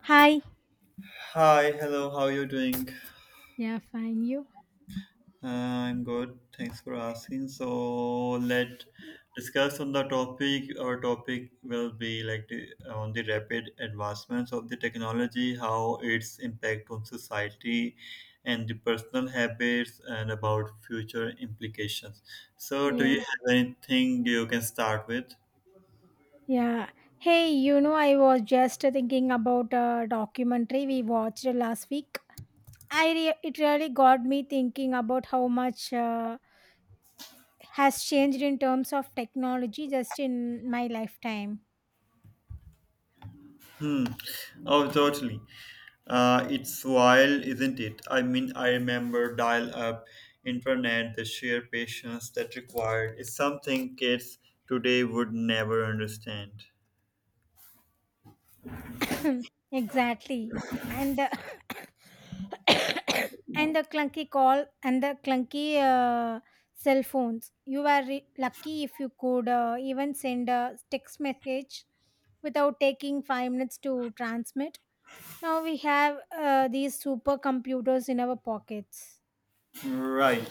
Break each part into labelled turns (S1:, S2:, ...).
S1: Hi.
S2: Hi, hello, how are you doing?
S1: Yeah, fine. You?
S2: I'm good. Thanks for asking. So let discuss on the topic. Our topic will be like on the rapid advancements of the technology, how its impact on society and the personal habits and about future implications. So do you
S1: Yeah.
S2: have anything you can start with?
S1: Yeah. Hey, you know, I was just thinking about a documentary we watched last week. It really got me thinking about how much has changed in terms of technology just in my lifetime.
S2: Hmm. Oh, totally. It's wild, isn't it? I mean, I remember dial up internet, the sheer patience that required is something kids today would never understand.
S1: Hmm, exactly. And the And the clunky call and the clunky cell phones. You were lucky if you could even send a text message without taking 5 minutes to transmit. Now we have these supercomputers in our pockets.
S2: Right.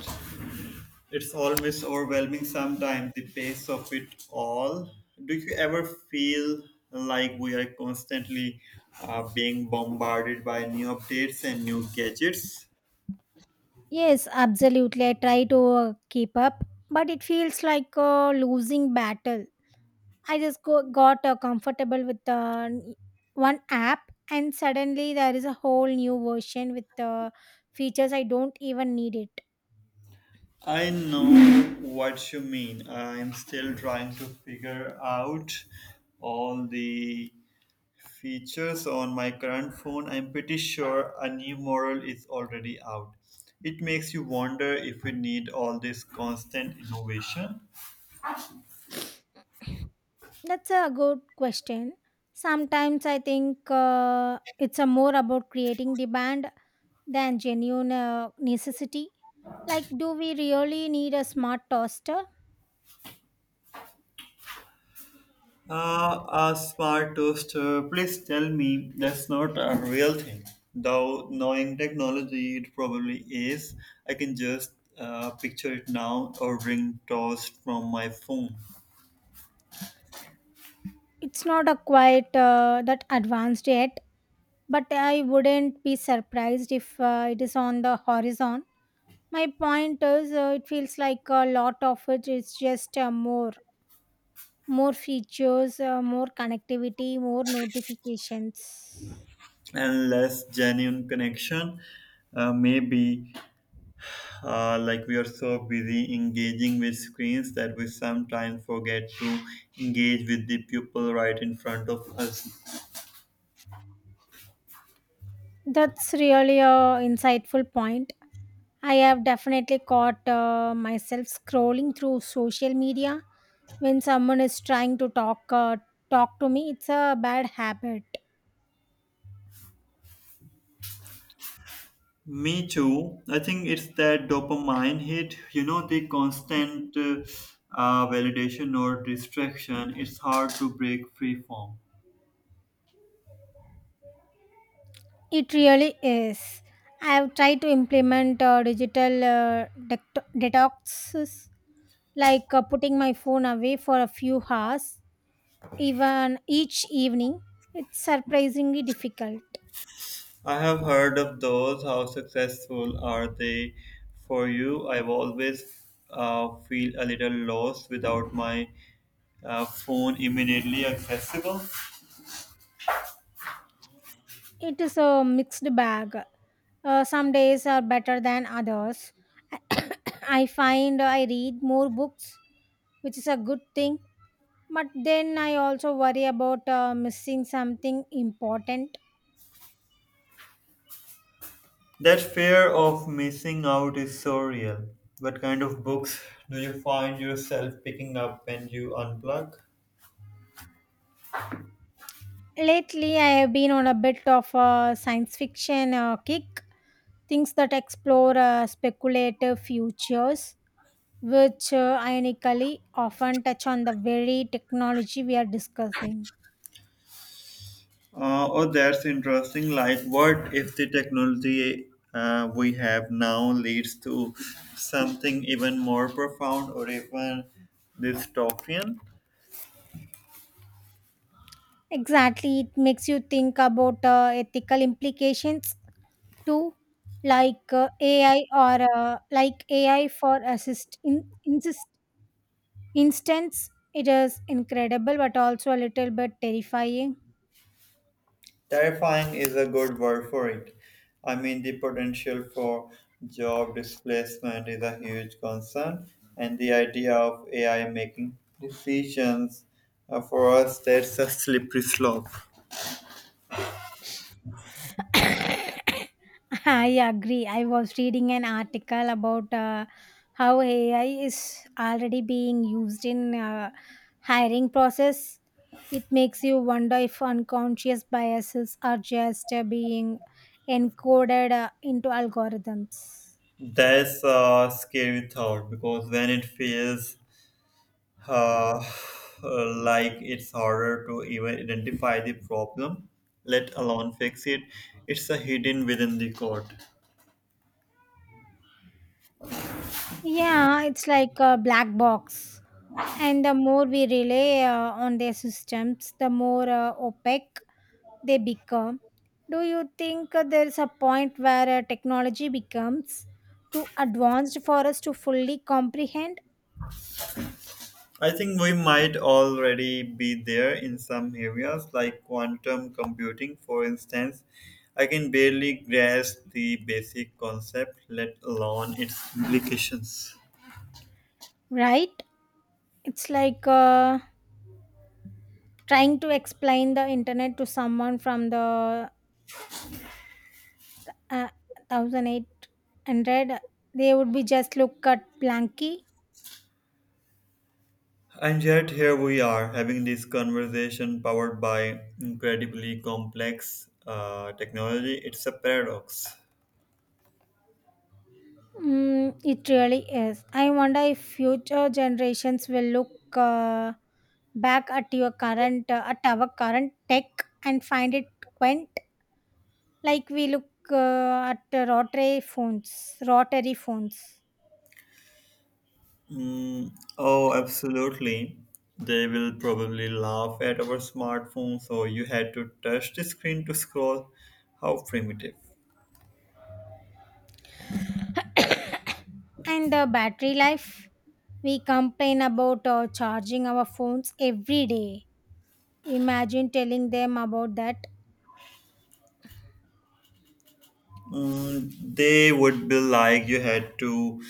S2: It's always overwhelming sometimes, the pace of it all. Do you ever feel like we are constantly being bombarded by new updates and new gadgets?
S1: Yes, absolutely. I try to keep up, but it feels like a losing battle. Got comfortable with one app, and suddenly there is a whole new version with features I don't even need it.
S2: I know what you mean. I'm still trying to figure out all the features on my current phone. I'm pretty sure a new model is already out. It makes you wonder if we need all this constant innovation.
S1: That's a good question. Sometimes I think it's a more about creating demand than genuine necessity. Like, do we really need a smart toaster?
S2: A smart toaster, please tell me that's not a real thing. Though knowing technology, it probably is. I can just picture it now ordering toast from my phone.
S1: It's not a quite that advanced yet, but I wouldn't be surprised if it is on the horizon. My point is it feels like a lot of it is just uh, more features, more connectivity, more notifications.
S2: And less genuine connection. Maybe like we are so busy engaging with screens that we sometimes forget to engage with the people right in front of us.
S1: That's really a insightful point. I have definitely caught myself scrolling through social media when someone is trying to talk to me. It's a bad habit.
S2: Me too. I think it's that dopamine hit, you know, the constant validation or distraction. It's hard to break free form.
S1: It really is. I have tried to implement digital detoxes, like putting my phone away for a few hours, even each evening. It's surprisingly difficult.
S2: I have heard of those. How successful are they for you? I've always feel a little lost without my phone immediately accessible.
S1: It is a mixed bag. Some days are better than others. I find I read more books, which is a good thing, but then I also worry about missing something important.
S2: That fear of missing out is so real. What kind of books do you find yourself picking up when you unplug?
S1: Lately, I have been on a bit of a science fiction kick, things that explore speculative futures, which ironically often touch on the very technology we are discussing.
S2: Oh, that's interesting. Like, what if the technology we have now leads to something even more profound or even dystopian?
S1: Exactly, it makes you think about ethical implications too, like uh, AI or uh, like AI for instance, it is incredible but also a little bit terrifying.
S2: Terrifying is a good word for it. I mean, the potential for job displacement is a huge concern, and the idea of AI making decisions for us, that's a slippery slope.
S1: I agree. I was reading an article about how AI is already being used in hiring process. It makes you wonder if unconscious biases are just being encoded into algorithms.
S2: That's a scary thought because when it fails, uh, like it's harder to even identify the problem, let alone fix it. It's a hidden within the code.
S1: Yeah, it's like a black box. And the more we rely on their systems, the more opaque they become. Do you think there is a point where technology becomes too advanced for us to fully comprehend?
S2: I think we might already be there in some areas, like quantum computing, for instance. I can barely grasp the basic concept, let alone its implications.
S1: Right, it's like trying to explain the internet to someone from the uh, 1800. They would be just look at blanky.
S2: And yet, here we are having this conversation powered by incredibly complex technology. It's a paradox.
S1: Mm, it really is. I wonder if future generations will look back at our current tech and find it quaint. Like we look at the rotary phones.
S2: Mm, oh, absolutely. They will probably laugh at our smartphones, so you had to touch the screen to scroll. How primitive.
S1: And the battery life. We complain about charging our phones every day. Imagine telling them about that.
S2: Mm, they would be like you had to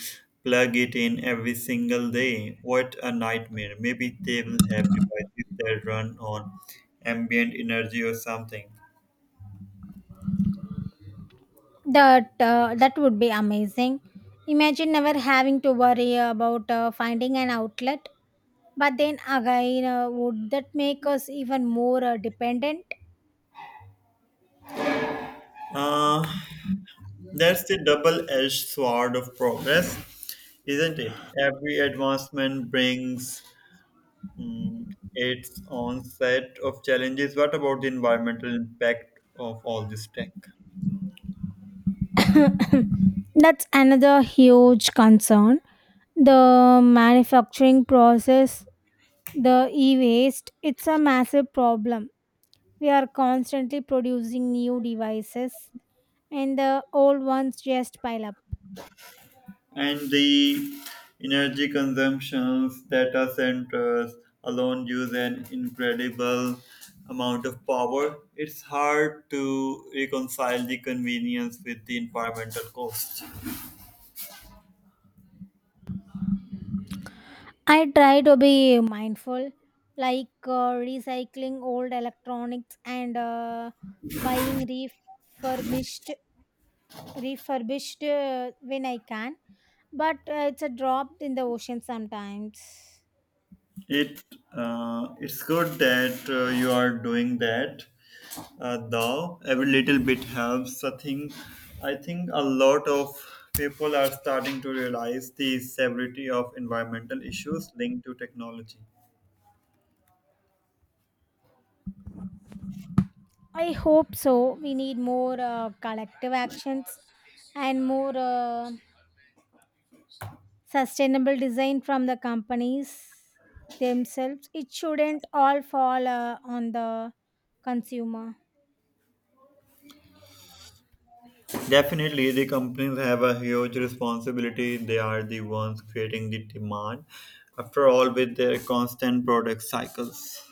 S2: plug it in every single day. What a nightmare. Maybe they will have devices that run on ambient energy or something.
S1: That would be amazing. Imagine never having to worry about finding an outlet. But then again, would that make us even more dependent?
S2: Uh, that's the double edged sword of progress, isn't it? Every advancement brings, mm, its own set of challenges. What about the environmental impact of all this tech
S1: That's another huge concern. The manufacturing process, the e waste, it's a massive problem. We are constantly producing new devices, and the old ones just pile up.
S2: and the energy consumptions? Data centers alone use an incredible amount of power. It's hard to reconcile the convenience with the environmental cost.
S1: I try to be mindful, like recycling old electronics and buying refurbished when I can. But it's a drop in the ocean sometimes.
S2: It it's good that you are doing that. Though every little bit helps. I think a lot of people are starting to realize the severity of environmental issues linked to technology.
S1: I hope so. We need more collective actions and more sustainable design from the companies themselves. It shouldn't all fall on the consumer.
S2: Definitely, the companies have a huge responsibility. They are the ones creating the demand. After all, with their constant product cycles.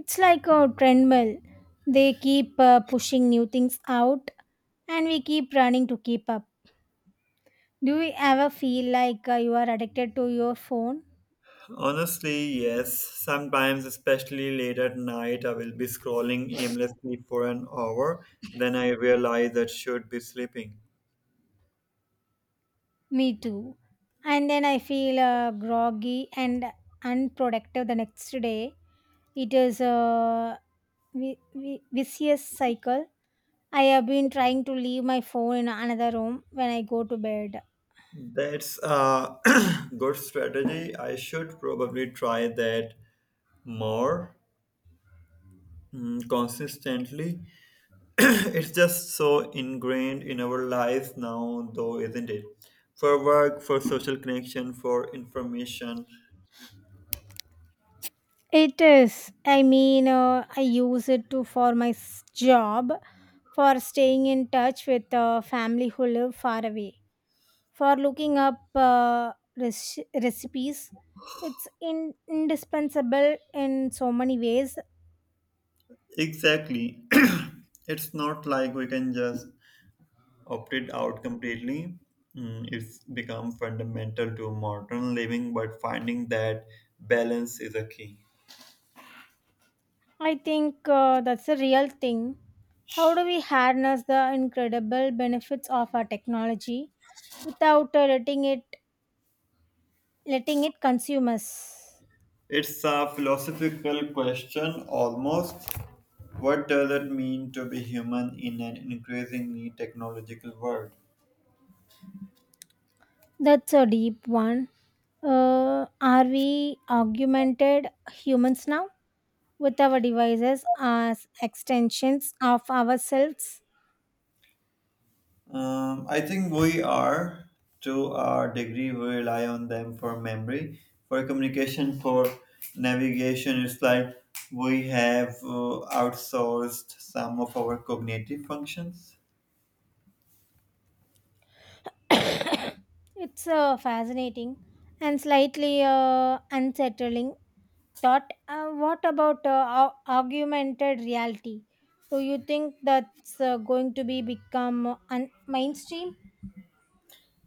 S1: It's like a treadmill. They keep pushing new things out and we keep running to keep up. Do you ever feel like you are addicted to your phone?
S2: Honestly, yes. Sometimes, especially late at night, I will be scrolling aimlessly for an hour. Then I realize I should be sleeping.
S1: Me too. And then I feel groggy and unproductive the next day. It is a vicious cycle. I have been trying to leave my phone in another room when I go to bed.
S2: That's a good strategy. I should probably try that more, mm, consistently. It's just so ingrained in our lives now, though, isn't it? For work, for social connection, for information.
S1: It is. I mean, I use it to for my job, for staying in touch with family who live far away, for looking up recipes. It's indispensable in so many ways.
S2: Exactly. It's not like we can just opted out completely. Mm, it's become fundamental to modern living, but finding that balance is a key.
S1: I think that's a real thing. How do we harness the incredible benefits of our technology without letting it consume us?
S2: It's a philosophical question almost. What does it mean to be human in an increasingly technological world?
S1: That's a deep one. Are we augmented humans now with our devices as extensions of ourselves?
S2: I think we are, to our degree, we rely on them for memory, for communication, for navigation. It's like we have outsourced some of our cognitive functions.
S1: It's fascinating and slightly unsettling. Thought, what about augmented reality? Do you think that's going to be become mainstream?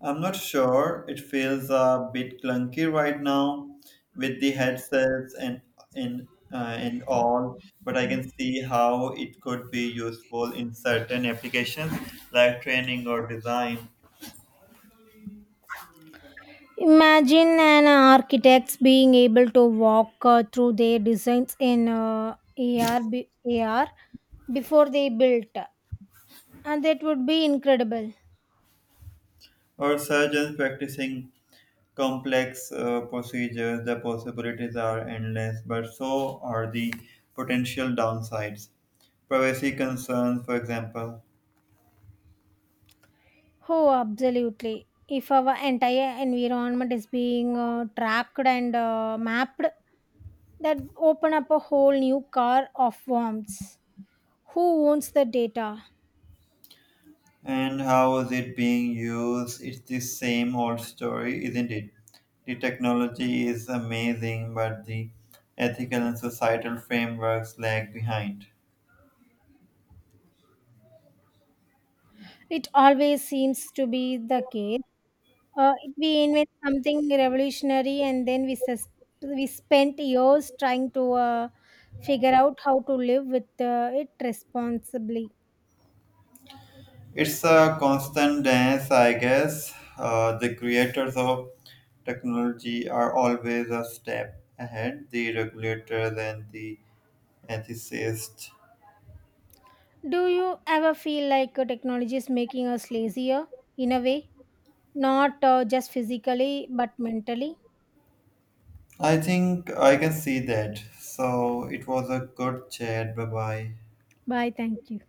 S2: I'm not sure. It feels a bit clunky right now with the headsets and and all. But I can see how it could be useful in certain applications like training or design
S1: Imagine an architects being able to walk through their designs in AR before they built, and that would be incredible.
S2: or surgeons practicing complex procedures, the possibilities are endless, but so are the potential downsides. Privacy concerns, for example,
S1: Oh, absolutely. If our entire environment is being tracked and mapped, that open up a whole new car of worms. Who owns the data?
S2: and how is it being used? It's the same old story, isn't it? The technology is amazing, but the ethical and societal frameworks lag behind.
S1: It always seems to be the case. If we invent something revolutionary and then we spent years trying to figure out how to live with it responsibly.
S2: It's a constant dance, I guess. The creators of technology are always a step ahead, the regulators and the ethicists.
S1: Do you ever feel like technology is making us lazier in a way? Not just physically, but mentally?
S2: I think I can see that. So it was a good chat. Bye bye.
S1: Bye, thank you.